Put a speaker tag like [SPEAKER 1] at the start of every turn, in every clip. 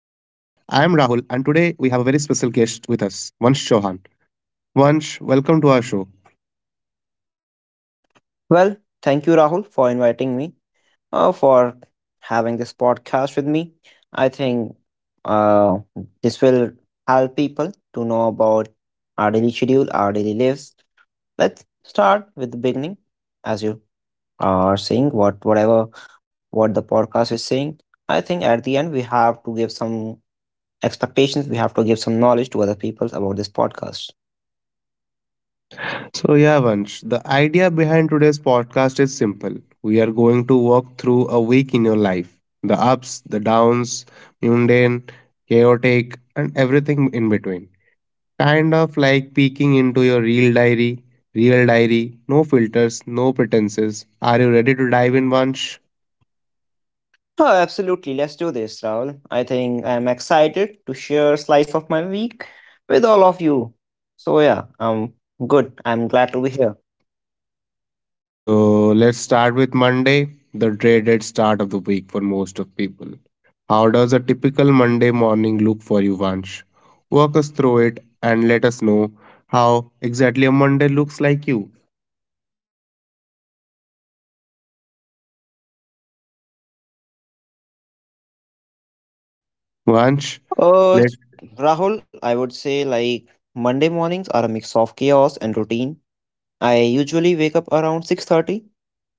[SPEAKER 1] and today we have a very special guest with us, Vansh Chauhan. Vansh, welcome to our show.
[SPEAKER 2] Well, thank you, Rahul, for inviting me, for having this podcast with me. I think uh, this will help people to know about our daily schedule, our daily lives. Let's start with the beginning, as you are saying, whatever what the podcast is saying. I think at the end we have to give some expectations. We have to give some knowledge to other people about this podcast.
[SPEAKER 1] So, yeah, Vansh, the idea behind today's podcast is simple. We are going to walk through a week in your life, the ups, the downs, mundane, chaotic, and everything in between. Kind of like peeking into your real diary, no filters, no pretenses. Are you ready to dive in, Vansh?
[SPEAKER 2] Oh, absolutely. Let's do this, Raul. I think I'm excited to share a slice of my week with all of you. So yeah, I'm good. I'm glad to be here.
[SPEAKER 1] So let's start with Monday, the dreaded start of the week for most of people. How does a typical Monday morning look for you, Vansh? Walk us through it and let us know how exactly a Monday looks like you, Vansh.
[SPEAKER 2] Uh, s- Rahul, I would say like Monday mornings are a mix of chaos and routine. I usually wake up around 6:30.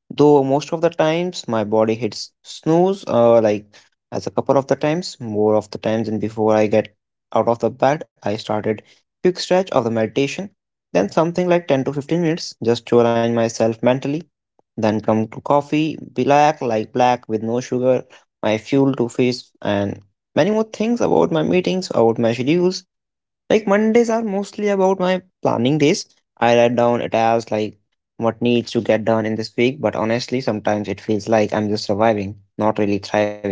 [SPEAKER 2] Though most of the times my body hits snooze, like as a couple of the times, more of the times, and before I get out of the bed, I started quick stretch of the meditation, then something like 10 to 15 minutes just to align myself mentally, then come to coffee, black like black with no sugar, my fuel to face, and many more things about my meetings, about my schedules, like Mondays are mostly about my planning days. I write down a task like what needs to get done in this week, but honestly, sometimes it feels like I'm just surviving, not really thriving.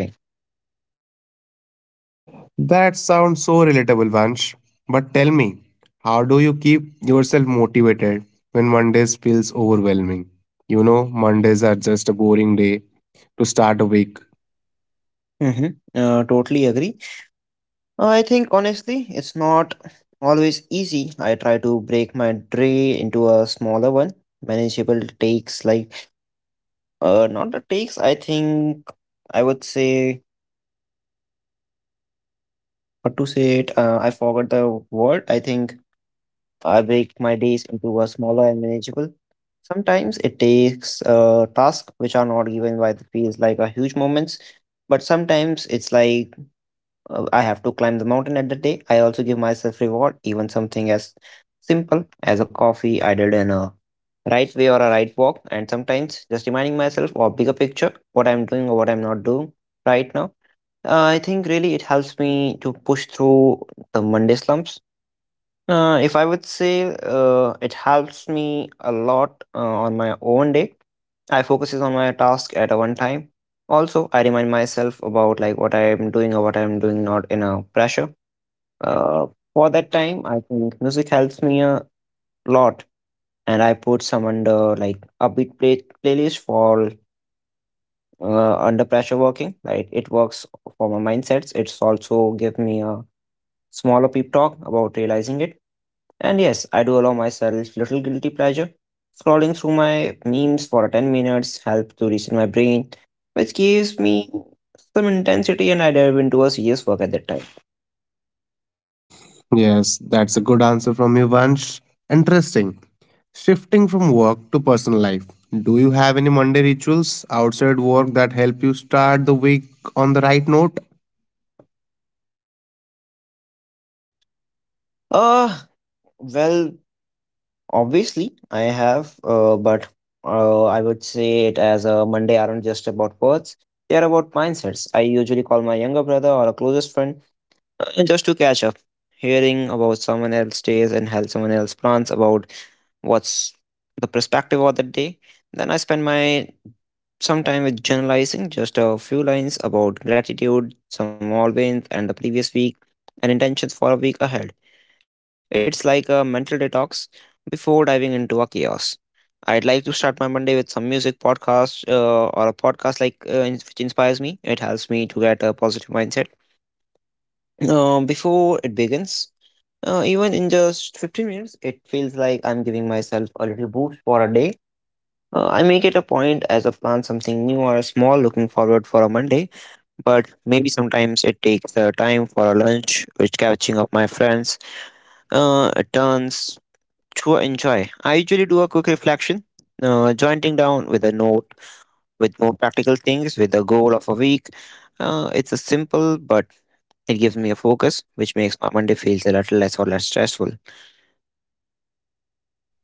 [SPEAKER 1] That sounds so relatable, Vansh. But tell me, how do you keep yourself motivated when Mondays feels overwhelming? You know, Mondays are just a boring day to start a week.
[SPEAKER 2] Mm-hmm. Totally agree. I think honestly, it's not always easy. I try to break my day into a smaller one, manageable takes. Like not the takes. I think I would say what to say it. I forgot the word. I think I break my days into a smaller and manageable. Sometimes it takes tasks which are not given by the feels like a huge moments, but sometimes it's like I have to climb the mountain at the day. I also give myself reward, even something as simple as a coffee I did in a right way or a right walk, and sometimes just reminding myself or bigger picture what I'm doing or what I'm not doing right now. I think really it helps me to push through the Monday slumps if I would say it helps me a lot on my own day. I focuses on my task at a one time. Also, I remind myself about like what I am doing or what I am doing not in a pressure. Uh, for that time, I think music helps me a lot, and I put some under like upbeat playlist for under pressure working. Like it works for my mindsets. It's also give me a smaller peep talk about realizing it. And yes, I do allow myself little guilty pleasure. Scrolling through my memes for 10 minutes helps to reset my brain, which gives me some intensity and I dive into a serious work at that time.
[SPEAKER 1] Yes, that's a good answer from you, Vansh. Interesting. Shifting from work to personal life. Do you have any Monday rituals outside work that help you start the week on the right note?
[SPEAKER 2] Uh, well, obviously I have, but I would say it as a Monday aren't just about words. They are about mindsets. I usually call my younger brother or a closest friend. Just to catch up, hearing about someone else's days and help someone else's plans about what's the perspective of the day. Then I spend my some time with generalizing just a few lines about gratitude, some small wins, and the previous week, and intentions for a week ahead. It's like a mental detox before diving into a chaos. I'd like to start my Monday with some music podcast or a podcast like which inspires me. It helps me to get a positive mindset before it begins even in just 15 minutes, it feels like I'm giving myself a little boost for a day. I make it a point as a plan something new or small looking forward for a Monday, but maybe sometimes it takes time for a lunch, which catching up my friends turns to a enjoy. I usually do a quick reflection, jointing down with a note with more practical things with the goal of a week. It's a simple, but it gives me a focus, which makes my Monday feels a little less or less stressful.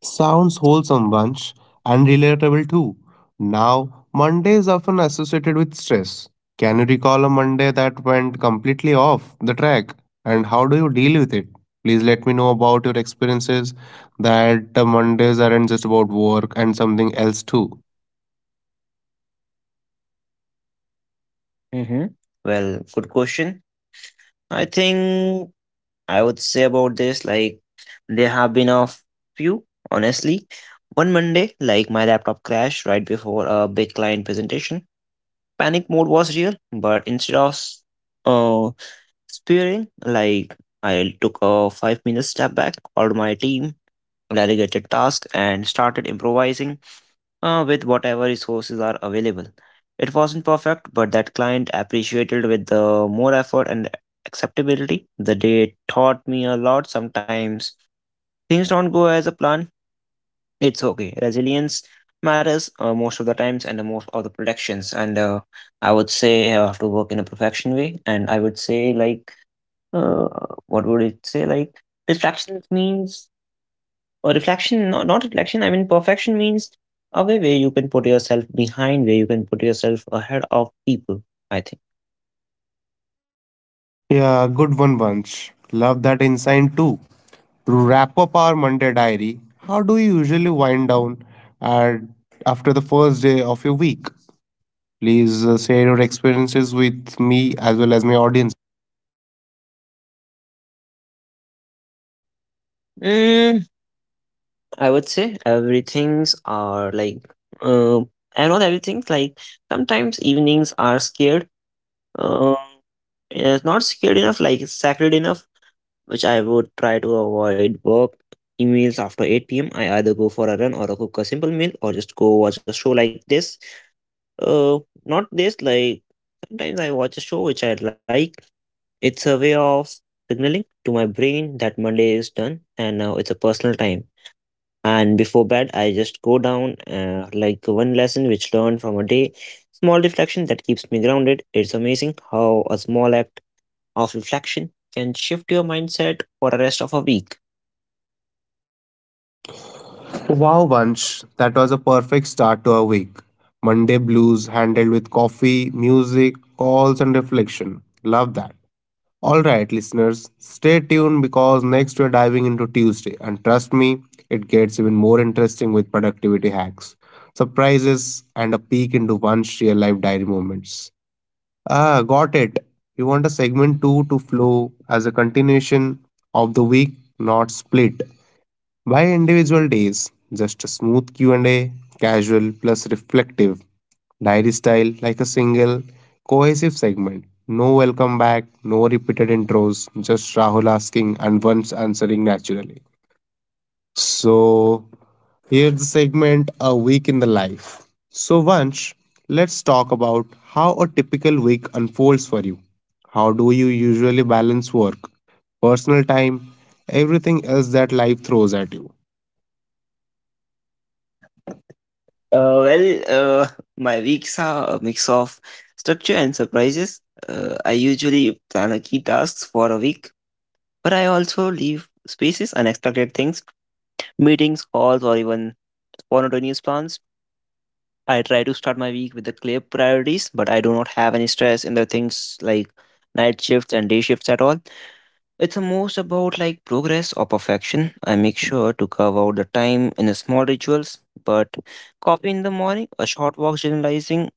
[SPEAKER 1] Sounds wholesome, Vansh, and relatable too. Now, Monday is often associated with stress. Can you recall a Monday that went completely off the track? And how do you deal with it? Please let me know about your experiences that the Mondays aren't just about work and something else too.
[SPEAKER 2] Mm-hmm. Well, good question. I think I would say about this like there have been a few, honestly. One Monday, like my laptop crashed right before a big client presentation. Panic mode was real, but instead of uh spearing, like I took a 5 minute step back, called my team, delegated task, and started improvising with whatever resources are available. It wasn't perfect, but that client appreciated with the more effort and acceptability. The day taught me a lot. Sometimes things don't go as a plan. It's okay. Resilience matters most of the times and the most of the productions. And I would say I have to work in a perfection way. And I would say like, uh, what would it say like? Distractions means or reflection, not reflection, I mean, perfection means a way where you can put yourself behind, where you can put yourself ahead of people, I think.
[SPEAKER 1] Yeah, good one, Vansh. Love that insight too. To wrap up our Monday diary, how do you usually wind down at, after the first day of your week? Please share your experiences with me as well as my audience.
[SPEAKER 2] Mm, I would say everything's are like, uh, and not everything, like sometimes evenings are scared. Uh, it's not scared enough, like sacred enough, which I would try to avoid work emails after 8 p.m. I either go for a run or I cook a simple meal or just go watch a show like this. Uh, Not this, like sometimes I watch a show which I like. It's a way of signaling to my brain that Monday is done and now it's a personal time. And before bed, I just go down like one lesson which learned from a day. Small reflection that keeps me grounded. It's amazing how a small act of reflection can shift your mindset for the rest of a week.
[SPEAKER 1] Wow, Vansh, that was a perfect start to our week. Monday blues handled with coffee, music, calls, and reflection. Love that. All right, listeners, stay tuned because next we're diving into Tuesday, and trust me, it gets even more interesting with productivity hacks, surprises, and a peek into one's real life diary moments. Ah, got it. You want a segment 2 to flow as a continuation of the week, not split by individual days. Just a smooth Q&A, casual plus reflective, diary style like a single cohesive segment. No welcome back, no repeated intros, just Rahul asking and once answering naturally. So, here's the segment A Week in the Life. So, Vansh, let's talk about how a typical week unfolds for you. How do you usually balance work, personal time, everything else that life throws at you?
[SPEAKER 2] Well, my weeks are a mix of structure and surprises. I usually plan a key tasks for a week. But I also leave spaces, unexpected things, meetings, calls, or even spontaneous plans. I try to start my week with the clear priorities, but I do not have any stress in the things like night shifts and day shifts at all. It's most about like progress or perfection. I make sure to carve out the time in the small rituals, but coffee in the morning, a short walk generalizing,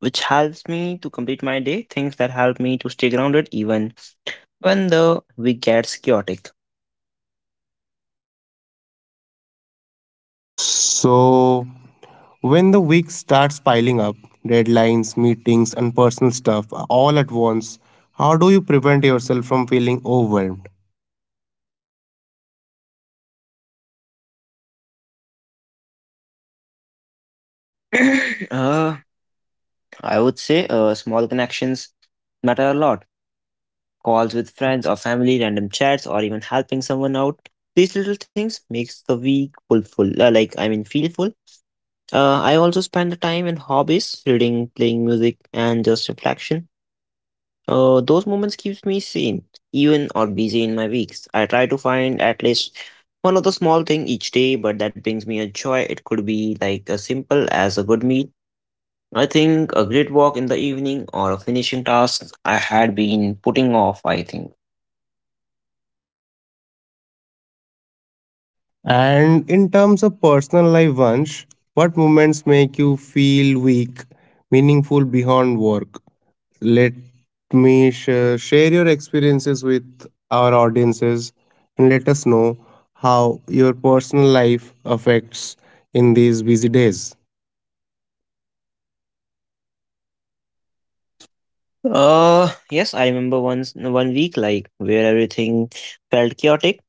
[SPEAKER 2] which helps me to complete my day, things that help me to stay grounded even when the week gets chaotic.
[SPEAKER 1] So, when the week starts piling up, deadlines, meetings, and personal stuff all at once, how do you prevent yourself from feeling overwhelmed?
[SPEAKER 2] uh, I would say small connections matter a lot. Calls with friends or family, random chats, or even helping someone out. These little things makes the week full, like I mean, feel full. I also spend the time in hobbies, reading, playing music, and just reflection. Those moments keeps me sane, even or busy in my weeks. I try to find at least one of the small thing each day, but that brings me a joy. It could be like as simple as a good meal. I think a great walk in the evening or a finishing task I had been putting off, I think.
[SPEAKER 1] And in terms of personal life, Vansh, what moments make you feel weak, meaningful beyond work? Let Share your experiences with our audiences and let us know how your personal life affects in these busy days.
[SPEAKER 2] Yes, I remember once one week like where everything felt chaotic,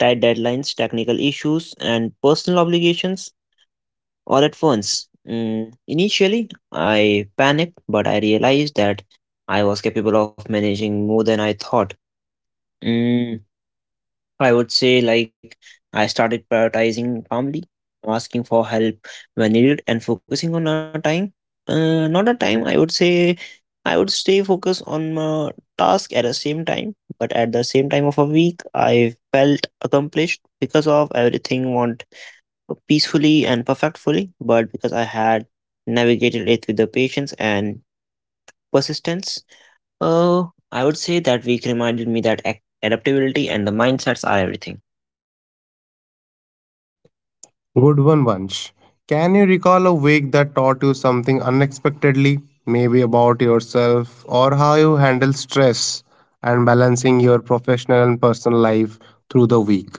[SPEAKER 2] tight deadlines, technical issues, and personal obligations all at once. Mm, initially, I panicked, but I realized that I was capable of managing more than I thought. Mm, I would say like I started prioritizing family, asking for help when needed, and focusing on our time. Not a time, I would say I would stay focused on my task at the same time, but at the same time of a week, I felt accomplished because of everything went peacefully and perfectfully, but because I had navigated it with the patience and persistence. Uh, I would say that week reminded me that adaptability and the mindsets are everything.
[SPEAKER 1] Good one, Vansh. Can you recall a week that taught you something unexpectedly, maybe about yourself or how you handle stress and balancing your professional and personal life through the week?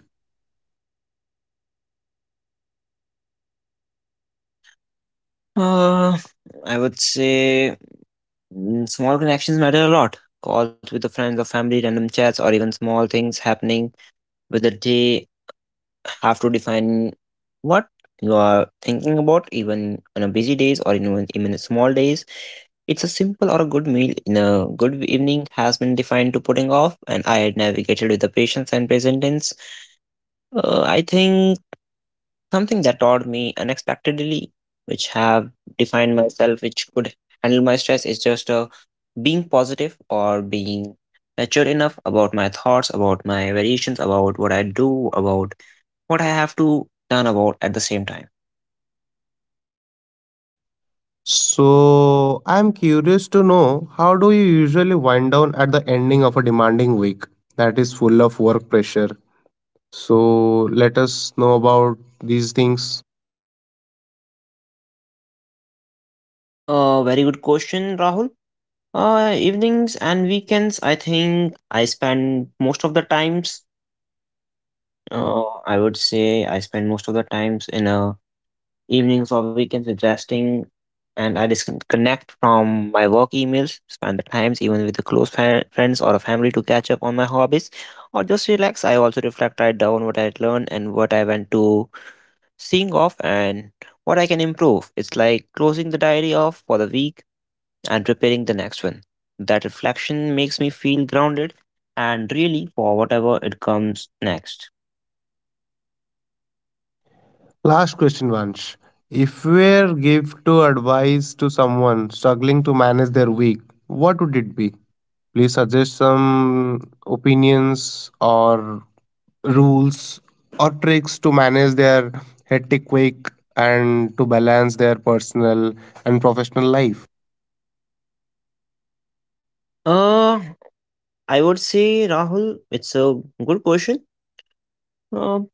[SPEAKER 2] Uh, I would say mm, small connections matter a lot. Calls with the friends or family, random chats, or even small things happening with the day have to define what you are thinking about, even on a busy days or even a small days. It's a simple or a good meal in a good evening has been defined to putting off, and I had navigated with the patience and presence. I think something that taught me unexpectedly which have defined myself which could handle my stress is just being positive or being mature enough about my thoughts about my variations about what I do about what I have to learn about at the same time
[SPEAKER 1] So, I'm curious to know how do you usually wind down at the ending of a demanding week that is full of work pressure? So, let us know about these things.
[SPEAKER 2] uh, Very good question, Rahul. Evenings and weekends, I think I spend most of the times uh, I would say I spend most of the times in a evenings or weekends with resting, and I disconnect from my work emails, spend the times even with the close friends or a family to catch up on my hobbies or just relax. I also reflect, write down what I learned and what I went to seeing off and what I can improve. It's like closing the diary off for the week and preparing the next one. That reflection makes me feel grounded and really for whatever it comes next.
[SPEAKER 1] Last question, Vansh. If you were give to advice to someone struggling to manage their week, what would it be? Please suggest some opinions or rules or tricks to manage their hectic week and to balance their personal and professional life.
[SPEAKER 2] Uh, I would say, Rahul, it's a good question. Um,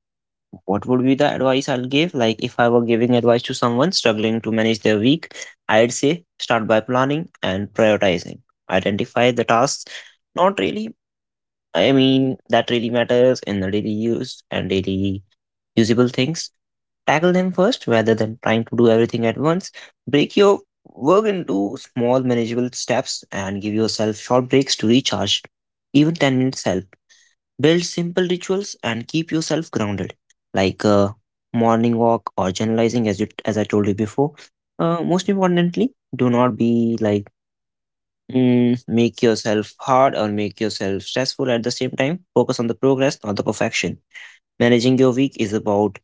[SPEAKER 2] What would be the advice I'll give? Like, if I were giving advice to someone struggling to manage their week, I'd say start by planning and prioritizing. Identify the tasks. Not really, I mean, that really matters in the daily use and daily usable things. Tackle them first rather than trying to do everything at once. Break your work into small, manageable steps and give yourself short breaks to recharge. Even 10 minutes help. Build simple rituals and keep yourself grounded, like a morning walk or journalizing, as you as I told you before. Most importantly, do not be like make yourself hard or make yourself stressful at the same time. Focus on the progress, not the perfection. Managing your week is about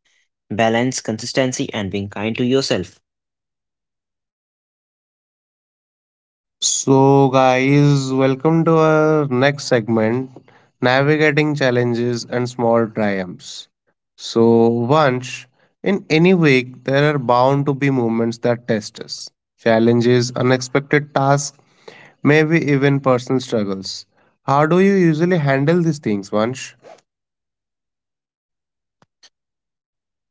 [SPEAKER 2] balance, consistency, and being kind to yourself.
[SPEAKER 1] So, guys, welcome to our next segment navigating challenges and small triumphs. So, Vansh, in any week, there are bound to be moments that test us, challenges, unexpected tasks, maybe even personal struggles. How do you usually handle these things, Vansh?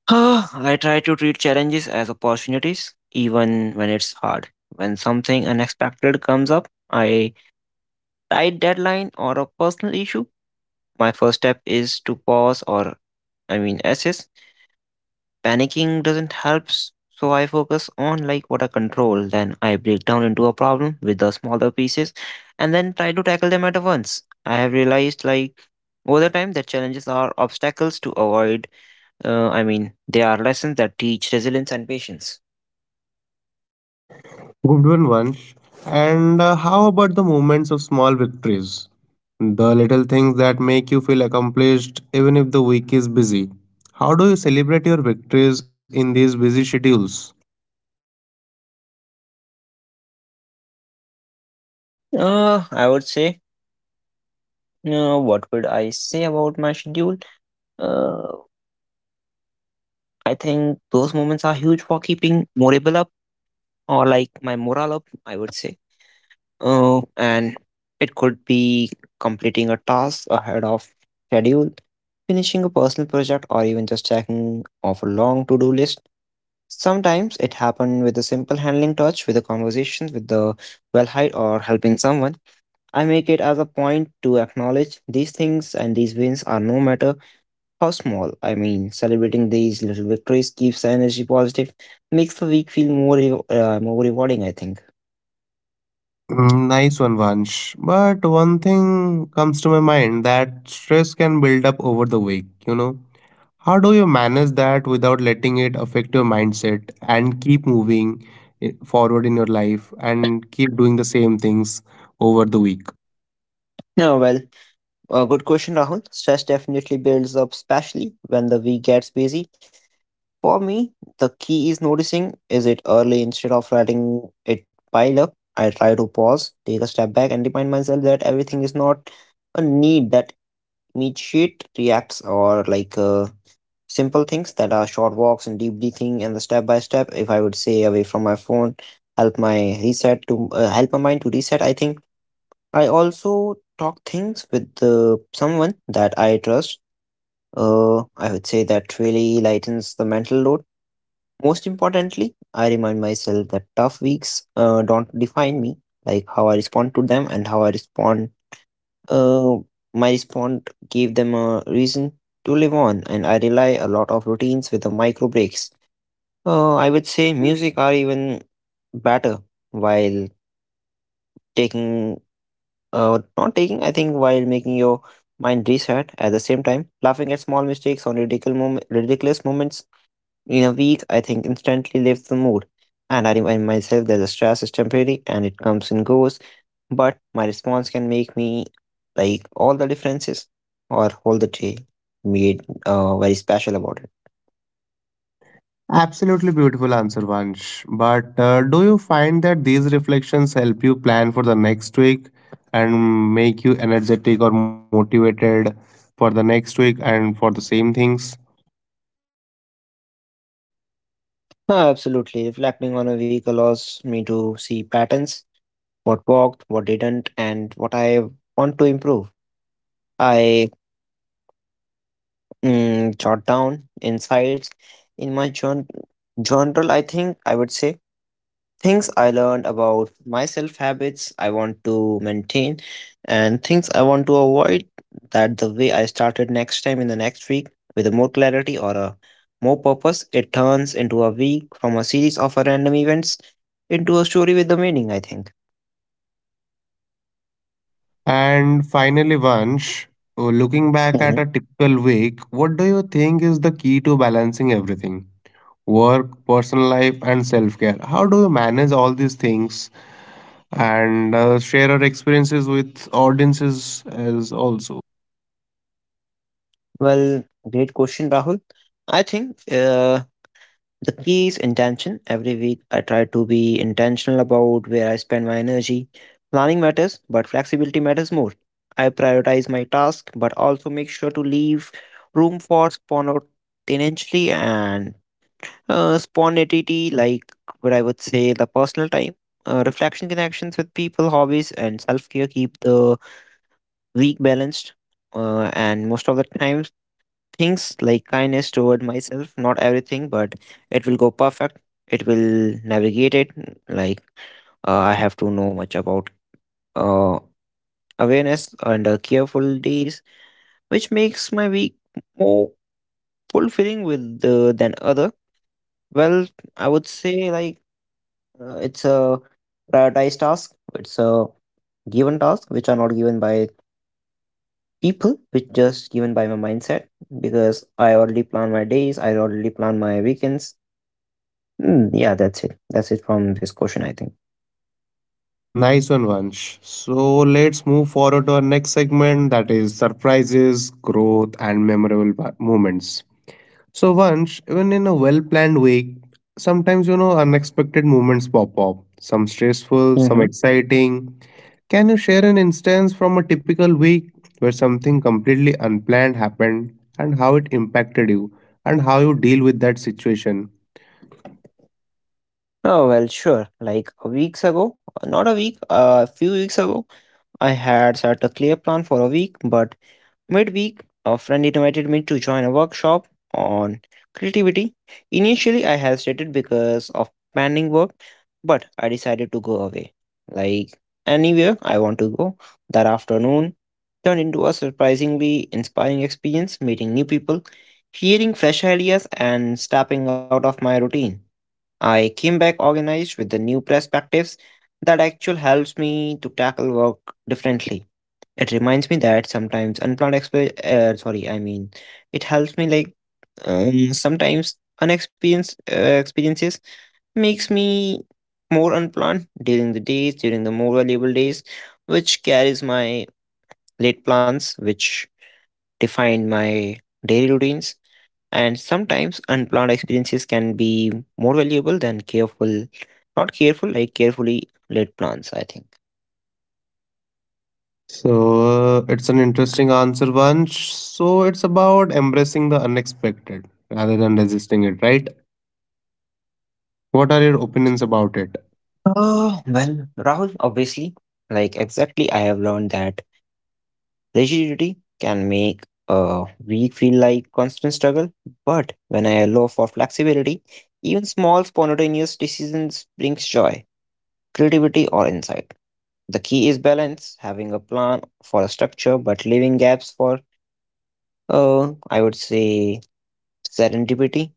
[SPEAKER 2] Ah, I try to treat challenges as opportunities, even when it's hard. When something unexpected comes up, I tight deadline or a personal issue, my first step is to pause or I mean assess. Panicking doesn't help, so I focus on like what I control. Then I break down into a problem with the smaller pieces and then try to tackle them at once. I have realized like over the time that challenges are obstacles to avoid. I mean, they are lessons that teach resilience and patience.
[SPEAKER 1] Good one, Vansh. And how about the moments of small victories? The little things that make you feel accomplished even if the week is busy. How do you celebrate your victories in these busy schedules?
[SPEAKER 2] I would say, what would I say about my schedule? Uh, I think those moments are huge for keeping morale up or like my morale up, I would say. And it could be completing a task ahead of schedule, finishing a personal project, or even just checking off a long to do list. Sometimes it happened with a simple handling touch, with a conversation with the well height, or helping someone. I make it as a point to acknowledge these things and these wins are no matter how small. I mean, celebrating these little victories keeps the energy positive, makes the week feel more more rewarding, I think.
[SPEAKER 1] Mm, nice one, Vansh. But one thing comes to my mind that stress can build up over the week, you know. How do you manage that without letting it affect your mindset and keep moving forward in your life and keep doing the same things over the week?
[SPEAKER 2] Yeah, well, a good question, Rahul. Stress definitely builds up, especially when the week gets busy. For me, the key is noticing is it early instead of letting it pile up. I try to pause, take a step back, and remind myself that everything is not a need that immediate reacts or like simple things that are short walks and deep breathing and the step by step if I would say away from my phone help my reset to help my mind to reset, I think. I also talk things with someone that I trust. I would say that really lightens the mental load. Most importantly, I remind myself that tough weeks don't define me, like how I respond to them and how I respond uh, my response gave them a reason to live on, and I rely a lot of routines with the micro breaks. I would say music are even better while taking, not taking, I think, while making your mind reset at the same time, laughing at small mistakes on ridiculous moments in a week, I think, instantly lifts the mood, and I remind myself that the stress is temporary and it comes and goes, but my response can make me like all the differences or all the day made very special about it.
[SPEAKER 1] Absolutely beautiful answer, Vansh. But do you find that these reflections help you plan for the next week and make you energetic or motivated for the next week and for the same things?
[SPEAKER 2] Absolutely, reflecting on a week allows me to see patterns, what worked, what didn't, and what I want to improve. I jot down insights in my journal, I think. I would say things I learned about myself, habits I want to maintain, and things I want to avoid. That the way I started next time in the next week with a more clarity or a more purpose, it turns into a week from a series of random events into a story with the meaning, I think.
[SPEAKER 1] And finally, Vansh, looking back at a typical week, what do you think is the key to balancing everything? Work, personal life, and self care. How do you manage all these things and share our experiences with audiences as also?
[SPEAKER 2] Well, great question, Rahul. I think the key is intention. Every week, I try to be intentional about where I spend my energy. Planning matters, but flexibility matters more. I prioritize my task, but also make sure to leave room for spontaneity and spontaneity, like what I would say, the personal time. Reflection connections with people, hobbies, and self care keep the week balanced. And most of the times things like kindness toward myself, not everything, but it will go perfect. It will navigate it. Like, I have to know much about uh, awareness and careful days, which makes my week more fulfilling with the, than other. Well, I would say like, it's a prioritized task. It's a given task which are not given by people, which just given by my mindset because I already plan my days. I already plan my weekends. Mm, yeah, that's it. That's it from this question, I think.
[SPEAKER 1] Nice one, Vansh. So let's move forward to our next segment that is surprises, growth, and moments. So, Vansh, even in a well planned week, sometimes you know unexpected moments pop up, some stressful,
[SPEAKER 2] Hmm.
[SPEAKER 1] some exciting. Can you share an instance from a typical week where something completely unplanned happened and how it impacted you and how you deal with that situation?
[SPEAKER 2] Oh, well, sure. Like a weeks ago, not a week, a few weeks ago, I had set a clear plan for a week, but midweek, a friend invited me to join a workshop on creativity. Initially, I hesitated because of planning work, but I decided to go away. Like anywhere I want to go, that afternoon turned into a surprisingly inspiring experience, meeting new people, hearing fresh ideas, and stepping out of my routine. I came back organized with the new perspectives that actually helps me to tackle work differently. It reminds me that sometimes unplanned sorry, I mean, it helps me like sometimes unexperienced experiences makes me more unplanned during the days, during the more valuable days, which carries my late plans, which define my daily routines. And sometimes unplanned experiences can be more valuable than careful, not careful, like carefully laid plans, I think.
[SPEAKER 1] So it's an interesting answer, Vansh. So it's about embracing the unexpected rather than resisting it, right? What are your opinions about it?
[SPEAKER 2] Oh well, Rahul, obviously, like exactly, I have learned that rigidity can make a week feel like constant struggle. But when I allow for flexibility, even small spontaneous decisions brings joy, creativity, or insight. The key is balance, having a plan for a structure, but leaving gaps for, I would say, serendipity.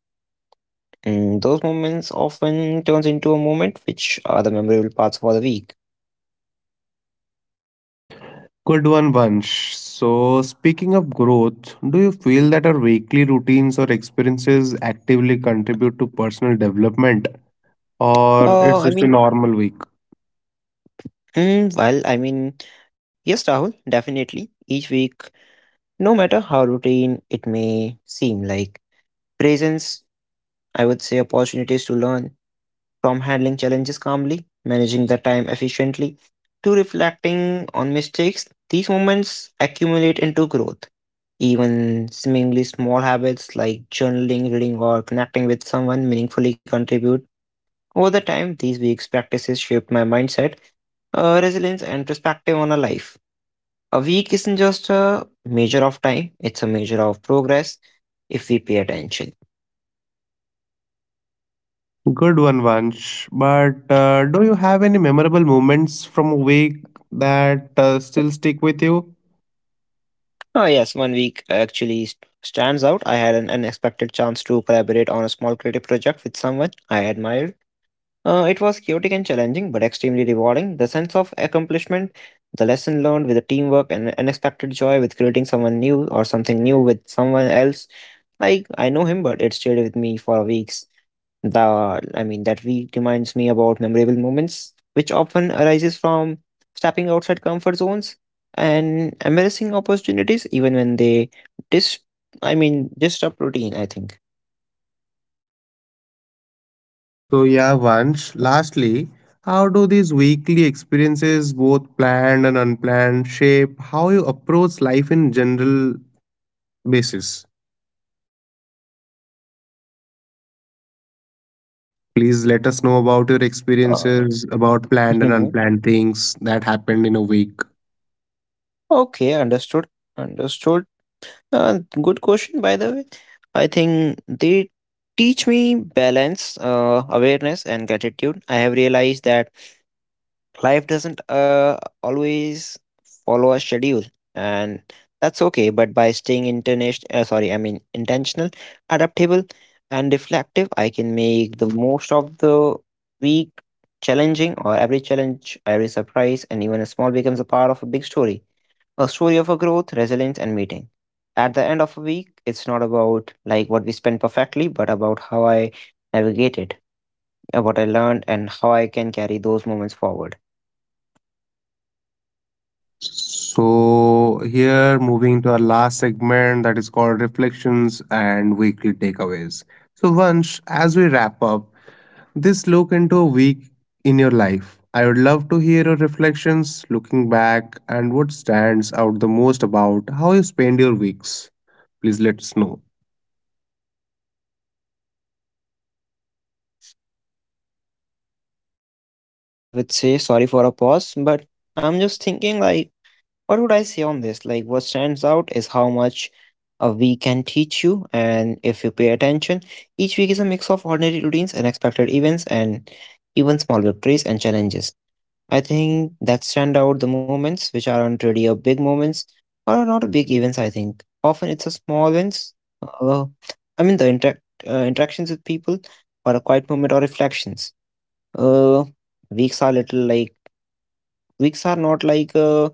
[SPEAKER 2] And those moments often turns into a moment which are the memorable parts for the week.
[SPEAKER 1] Good one, Vansh. So speaking of growth, do you feel that our weekly routines or experiences actively contribute to personal development, or it's
[SPEAKER 2] I
[SPEAKER 1] just a
[SPEAKER 2] mean,
[SPEAKER 1] normal week?
[SPEAKER 2] mm, well, I mean, yes, Rahul, definitely. Each week, no matter how routine it may seem, like presents, I would say opportunities to learn from handling challenges calmly, managing the time efficiently, to reflecting on mistakes, these moments accumulate into growth. Even seemingly small habits like journaling, reading, or connecting with someone meaningfully contribute. Over the time, these week's practices shaped my mindset, resilience, and perspective on a life. A week isn't just a measure of time, it's a measure of progress if we pay attention.
[SPEAKER 1] Good one, Vansh. But do you have any memorable moments from a week that still stick with you?
[SPEAKER 2] Oh, yes, one week actually stands out. I had an unexpected chance to collaborate on a small creative project with someone I admired. It was chaotic and challenging, but extremely rewarding. The sense of accomplishment, the lesson learned with the teamwork, and unexpected joy with creating someone new or something new with someone else. Like, I know him, but it stayed with me for weeks. I mean, that week reminds me about memorable moments, which often arises from stepping outside comfort zones and embracing opportunities, even when they dis, I mean, disrupt routine, I think.
[SPEAKER 1] So yeah, Vansh, lastly, how do these weekly experiences, both planned and unplanned, shape how you approach life in general basis? Please let us know about your
[SPEAKER 2] Uh,
[SPEAKER 1] experiences about planned and
[SPEAKER 2] mhm.
[SPEAKER 1] unplanned things that happened in a week.
[SPEAKER 2] Okay, understood. Understood. Good question, by the way. I think they teach me balance, awareness, and gratitude. I have realized that life doesn't always follow a schedule, and that's okay. But by staying international, sorry, I mean intentional, adaptable, and reflective, I can make the most of the week, challenging or every challenge, every surprise, and even a small becomes a part of a big story, a story of a growth, resilience, and meeting. At the end of a week, it's not about like what we spent perfectly, but about how I navigated, what I learned, and how I can carry those moments forward.
[SPEAKER 1] So, here moving to our last segment that is called reflections and weekly takeaways. So, Vansh, as we wrap up this look into a week in your life, I would love to hear your reflections looking back and what stands out the most about how you spend your weeks. Please let us know.
[SPEAKER 2] Uh, I would say sorry for a pause, but I'm just thinking like, what would I say on this? Like, what stands out is how much a week can teach you, and if you pay attention, each week is a mix of ordinary routines, unexpected events, and even small victories and challenges. I think that stand out the moments which aren't really a big moments are not a big events. I think often it's a small wins. Well, I mean the interactions with people or a quiet moment or reflections. Uh, weeks are little like weeks are not like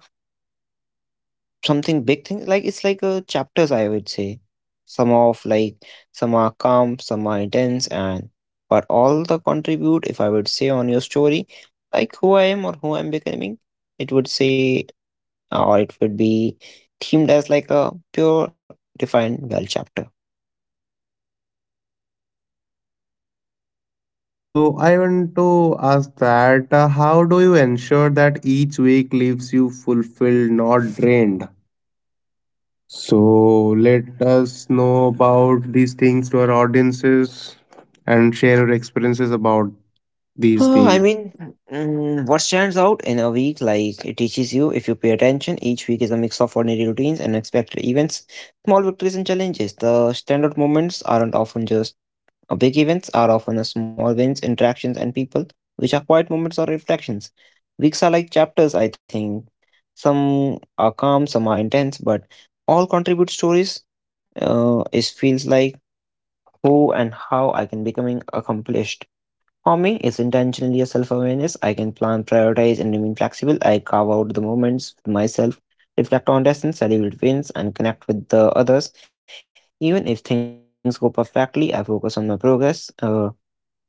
[SPEAKER 2] something big thing. Like it's like chapters. I would say some of like some are calm, some are intense, and but all the contribute. If I would say on your story, like who I am or who I'm becoming, it would say or it would be themed as like a pure defined well chapter.
[SPEAKER 1] So, I want to ask that how do you ensure that each week leaves you fulfilled, not drained? So let us know about these things to our audiences and share your experiences about these
[SPEAKER 2] I
[SPEAKER 1] things.
[SPEAKER 2] mean, what stands out in a week, like it teaches you if you pay attention, each week is a mix of ordinary routines and unexpected events, small victories and challenges. The standout moments aren't often just big events, are often a small wins, interactions, and people, which are quiet moments or reflections. Weeks are like chapters, I think. Some are calm, some are intense, but all contribute stories. It feels like who and how I can becoming accomplished. For me, it's intentionally a self-awareness. I can plan, prioritize, and remain flexible. I carve out the moments with myself, reflect on lessons, celebrate wins, and connect with the others. Even if things go perfectly, I focus on my progress,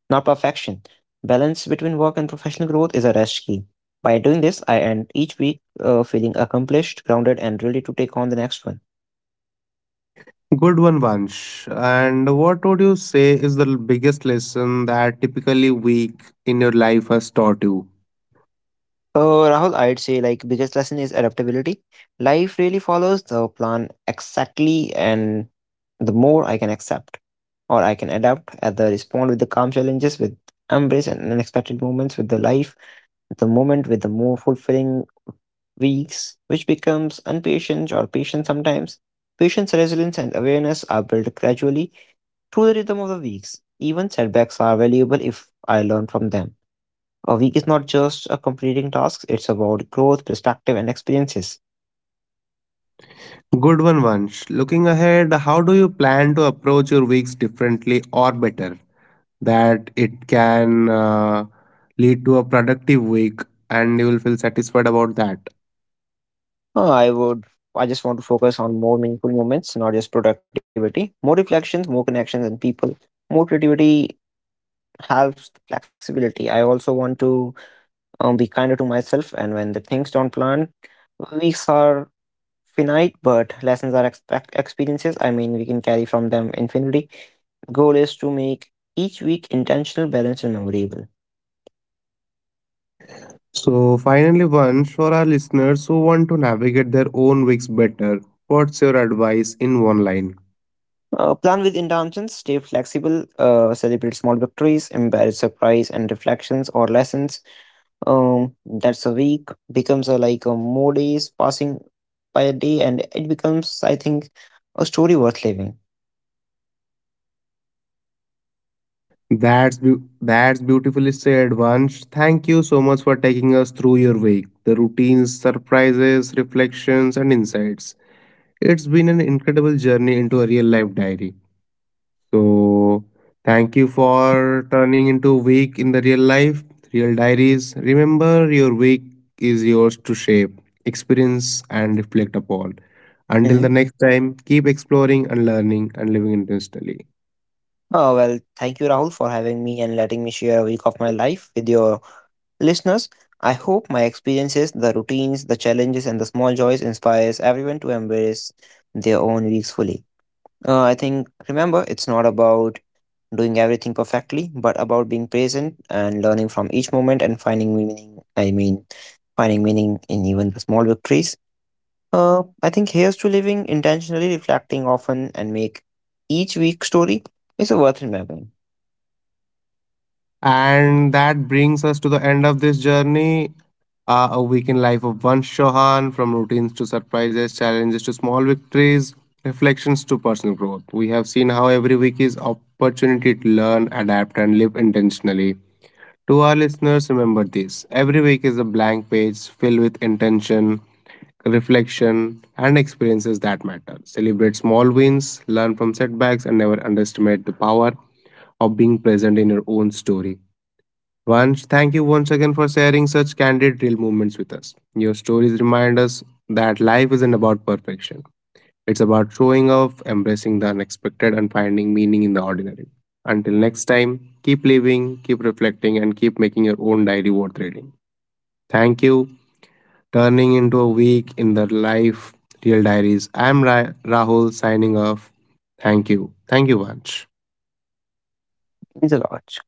[SPEAKER 2] not perfection. Balance between work and professional growth is a rest key. By doing this, I end each week feeling accomplished, grounded, and ready to take on the next one.
[SPEAKER 1] Good one, Vansh. And what would you say is the biggest lesson that typically week in your life has taught you?
[SPEAKER 2] So Rahul, I'd say like biggest lesson is adaptability. Life really follows the plan exactly, and the more I can accept or I can adapt, either respond with the calm challenges, with embrace and unexpected moments, with the life, the moment, with the more fulfilling weeks, which becomes impatience or patience sometimes. Patience, resilience, and awareness are built gradually through the rhythm of the weeks. Even setbacks are valuable if I learn from them. A week is not just a completing tasks, it's about growth, perspective, and experiences.
[SPEAKER 1] Good one, Vansh. Looking ahead, how do you plan to approach your weeks differently or better that it can lead to a productive week and you will feel satisfied about that?
[SPEAKER 2] Uh, I would I just want to focus on more meaningful moments, not just productivity. More reflections, more connections and people. More creativity helps flexibility. I also want to be kinder to myself and when the things don't plan, weeks are finite, but lessons are expect experiences. I mean we can carry from them infinity. Goal is to make each week intentional, balanced, and memorable.
[SPEAKER 1] So, finally, once for our listeners who want to navigate their own weeks better, what's your advice in one line?
[SPEAKER 2] Plan with intentions, stay flexible, celebrate small victories, embrace surprise and reflections or lessons. That's a week becomes like a more days passing by a day, and it becomes, I think, a story worth living.
[SPEAKER 1] That's beau- that's beautifully said, Vansh. Thank you so much for taking us through your week, the routines, surprises, reflections, and insights. It's been an incredible journey into a real life diary. So, thank you for turning into week in the real life, real diaries. Remember, your week is yours to shape, experience, and reflect upon. Until
[SPEAKER 2] Mm-hmm.
[SPEAKER 1] the next time, keep exploring and learning and living intentionally.
[SPEAKER 2] Well, thank you, Rahul, for having me and letting me share a week of my life with your listeners. I hope my experiences, the routines, the challenges, and the small joys inspires everyone to embrace their own weeks fully. I think remember, it's not about doing everything perfectly, but about being present and learning from each moment and finding meaning. I mean, finding meaning in even the small victories. I think here's to living intentionally, reflecting often, and make each week story is a worth remembering.
[SPEAKER 1] And that brings us to the end of this journey. A week in life of Vansh Chauhan, from routines to surprises, challenges to small victories, reflections to personal growth. We have seen how every week is opportunity to learn, adapt, and live intentionally. To our listeners, remember this: every week is a blank page filled with intention, reflection, and experiences that matter. Celebrate small wins, learn from setbacks, and never underestimate the power of being present in your own story. Vansh, thank you once again for sharing such candid, real moments with us. Your stories remind us that life isn't about perfection. It's about showing up, embracing the unexpected, and finding meaning in the ordinary. Until next time, keep living, keep reflecting, and keep making your own diary worth reading. Thank you. Turning into a week in the life, real diaries. I'm Rahul signing off. Thank you. Thank you, Vansh.
[SPEAKER 2] It's a lot.